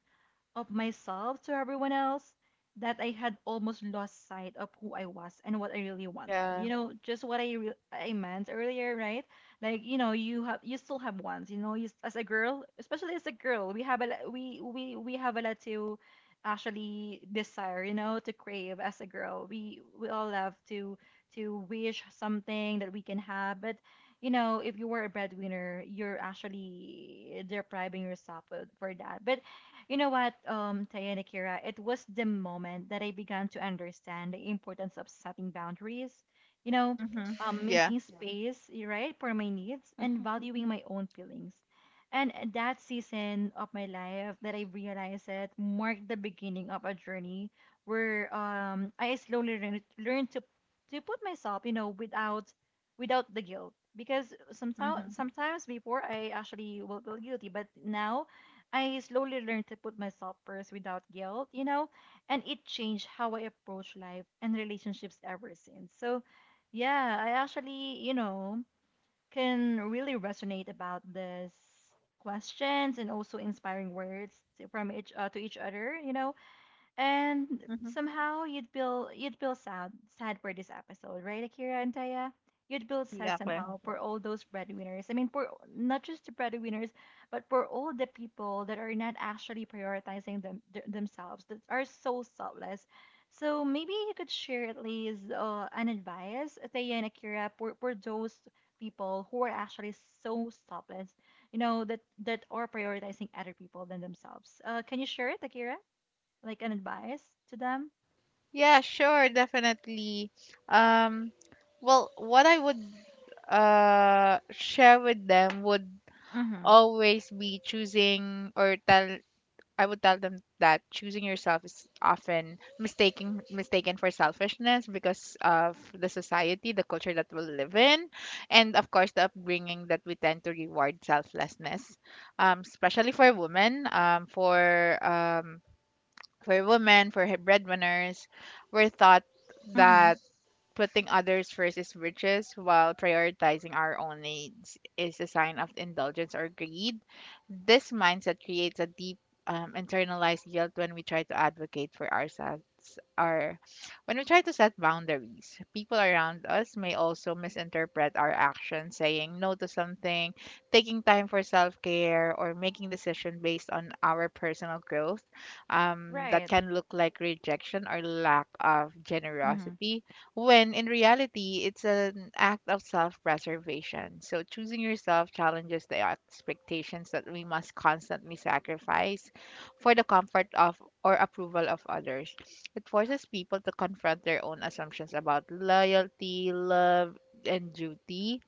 S1: of myself to everyone else that I had almost lost sight of who I was and what I really wanted.
S2: Yeah.
S1: You know, just what I meant earlier, right? Like, you know, you still have wants. You know, you, as a girl, especially as a girl, we have a lo- we have a lot to actually desire. You know, to crave as a girl. We all love to wish something that we can have, but you know, if you were a breadwinner, you're actually depriving yourself of, for that. But you know what, Taya and Akira, it was the moment that I began to understand the importance of setting boundaries, you know,
S2: Mm-hmm.
S1: mm-hmm,
S2: Yeah.
S1: making, yeah, space, right, for my needs and
S3: Mm-hmm.
S1: valuing my own feelings. And that season of my life that I realized it marked the beginning of a journey where I slowly learned, learned to put myself, you know, without without the guilt. Because
S2: Mm-hmm.
S1: sometimes before I actually will feel guilty, but now I slowly learned to put myself first without guilt, you know, and it changed how I approach life and relationships ever since. So, yeah, I actually, you know, can really resonate about this questions and also inspiring words to, from each to each other, you know, and
S2: Mm-hmm.
S1: somehow you'd feel sad, sad for this episode, right, Akira and Taya? You'd feel sad
S2: Exactly.
S1: somehow for all those breadwinners. I mean, for not just the breadwinners, but for all the people that are not actually prioritizing themselves, that are so selfless. So maybe you could share at least an advice, Taya and Akira, for those people who are actually so selfless, you know, that are prioritizing other people than themselves. Can you share it, Akira? Like an advice to them?
S2: Yeah, sure, definitely. Um, well, what I would share with them would
S1: Mhm.
S2: always be choosing or tell I would tell them that choosing yourself is often mistaken for selfishness, because of the society, the culture that we live in, and of course the upbringing that we tend to reward selflessness, especially for women, for breadwinners, were thought
S1: Mhm.
S2: that putting others first is riches, while prioritizing our own needs is a sign of indulgence or greed. This mindset creates a deep, internalized guilt when we try to advocate for ourselves, or when we try to set boundaries. People around us may also misinterpret our actions: saying no to something, taking time for self care, or making decisions based on our personal growth, that
S1: Right.
S2: can look like rejection or lack of
S1: Mhm.
S2: generosity, when in reality it's an act of self-preservation. So choosing yourself challenges the expectations that we must constantly sacrifice for the comfort of or approval of others. It forces people to confront their own assumptions about loyalty, love, and duty,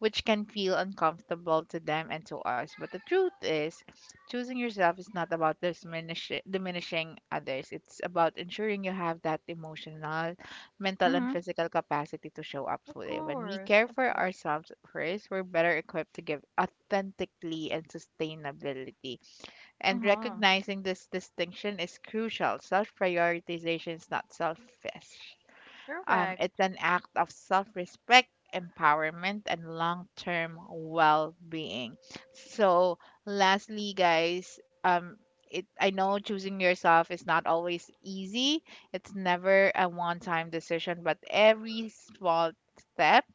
S2: which can feel uncomfortable to them and to us. But the truth is, choosing yourself is not about diminishing others. It's about ensuring you have that emotional, mental and
S1: Mhm.
S2: physical capacity to show up
S1: Of
S2: fully. When we
S1: course,
S2: care
S1: of
S2: for
S1: course.
S2: ourselves first, we're better equipped to give authentically and sustainability. And
S1: Uh-huh.
S2: recognizing this distinction is crucial. Self prioritization is not selfish.
S1: Correct.
S2: It's an act of self respect, empowerment, and long term well being. So lastly, guys, I know choosing yourself is not always easy. It's never a one time decision, but every small step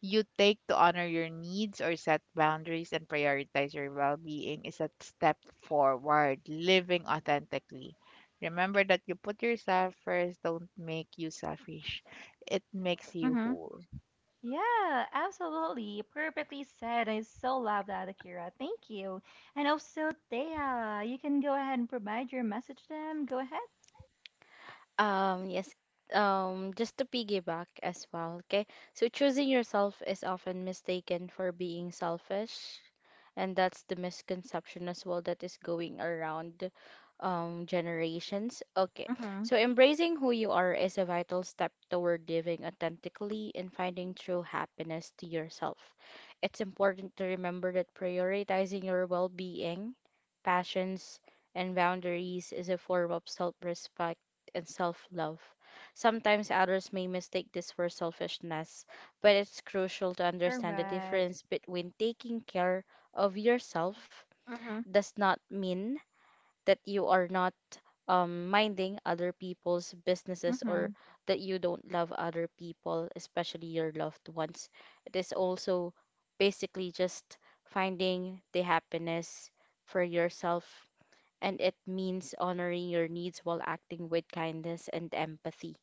S2: you take to honor your needs or set boundaries and prioritize your well being is a step forward, living authentically. Remember that you put yourself first, don't make you selfish. It makes you
S1: Mhm.
S2: whole.
S1: Yeah, absolutely. Perfectly said. I so love that, Akira. Thank you. And also, Thea, you can go ahead and provide your message to them. Go ahead.
S3: Yes. Just to piggyback as well, okay? So choosing yourself is often mistaken for being selfish, and that's the misconception as well that is going around generations. Okay.
S1: Mhm.
S3: So embracing who you are is a vital step toward living authentically and finding true happiness to yourself. It's important to remember that prioritizing your well-being, passions, and boundaries is a form of self-respect and self love. Sometimes others may mistake this for selfishness, but it's crucial to understand the
S1: Correct.
S3: difference between taking care of yourself
S1: Mhm.
S3: does not mean that you are not minding other people's businesses or
S1: Mhm.
S3: that you don't love other people, especially your loved ones. It is also basically just finding the happiness for yourself and it means honoring your needs while acting with kindness and empathy.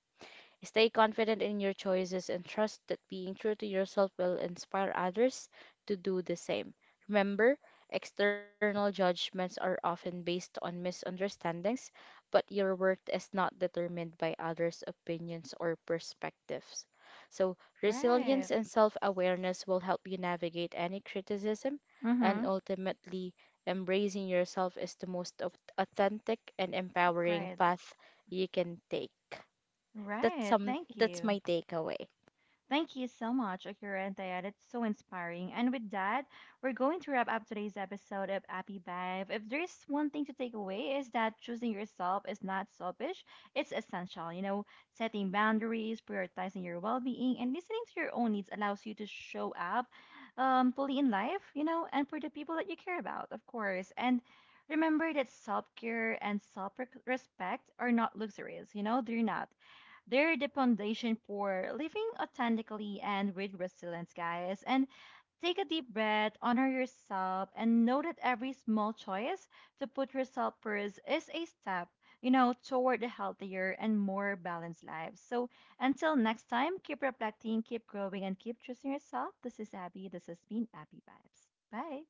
S3: Stay confident in your choices and trust that being true to yourself will inspire others to do the same. Remember, external judgments are often based on misunderstandings, but your worth is not determined by others' opinions or perspectives. So, resilience
S1: Right.
S3: and self awareness will help you navigate any criticism, and
S1: Mhm.
S3: ultimately, embracing yourself is the most authentic and empowering
S1: Great.
S3: path you can take.
S1: Right. Thank
S3: That's
S1: you.
S3: my takeaway.
S1: Thank you so much, Akira and Thea. That's so inspiring. And with that, we're going to wrap up today's episode of Happy Vibe. If there's one thing to take away is that choosing yourself is not selfish, it's essential. You know, setting boundaries, prioritizing your well-being, and listening to your own needs allows you to show up, fully in life, you know, and for the people that you care about, of course. And remember that self-care and self-respect are not luxuries, you know, they're not. They're the foundation for living authentically and with resilience, guys. And take a deep breath, honor yourself, and know that every small choice to put yourself first is a step, you know, toward a healthier and more balanced life. So until next time, keep reflecting, keep growing, and keep choosing yourself. This is Abby. This has been Abby Vibes. Bye.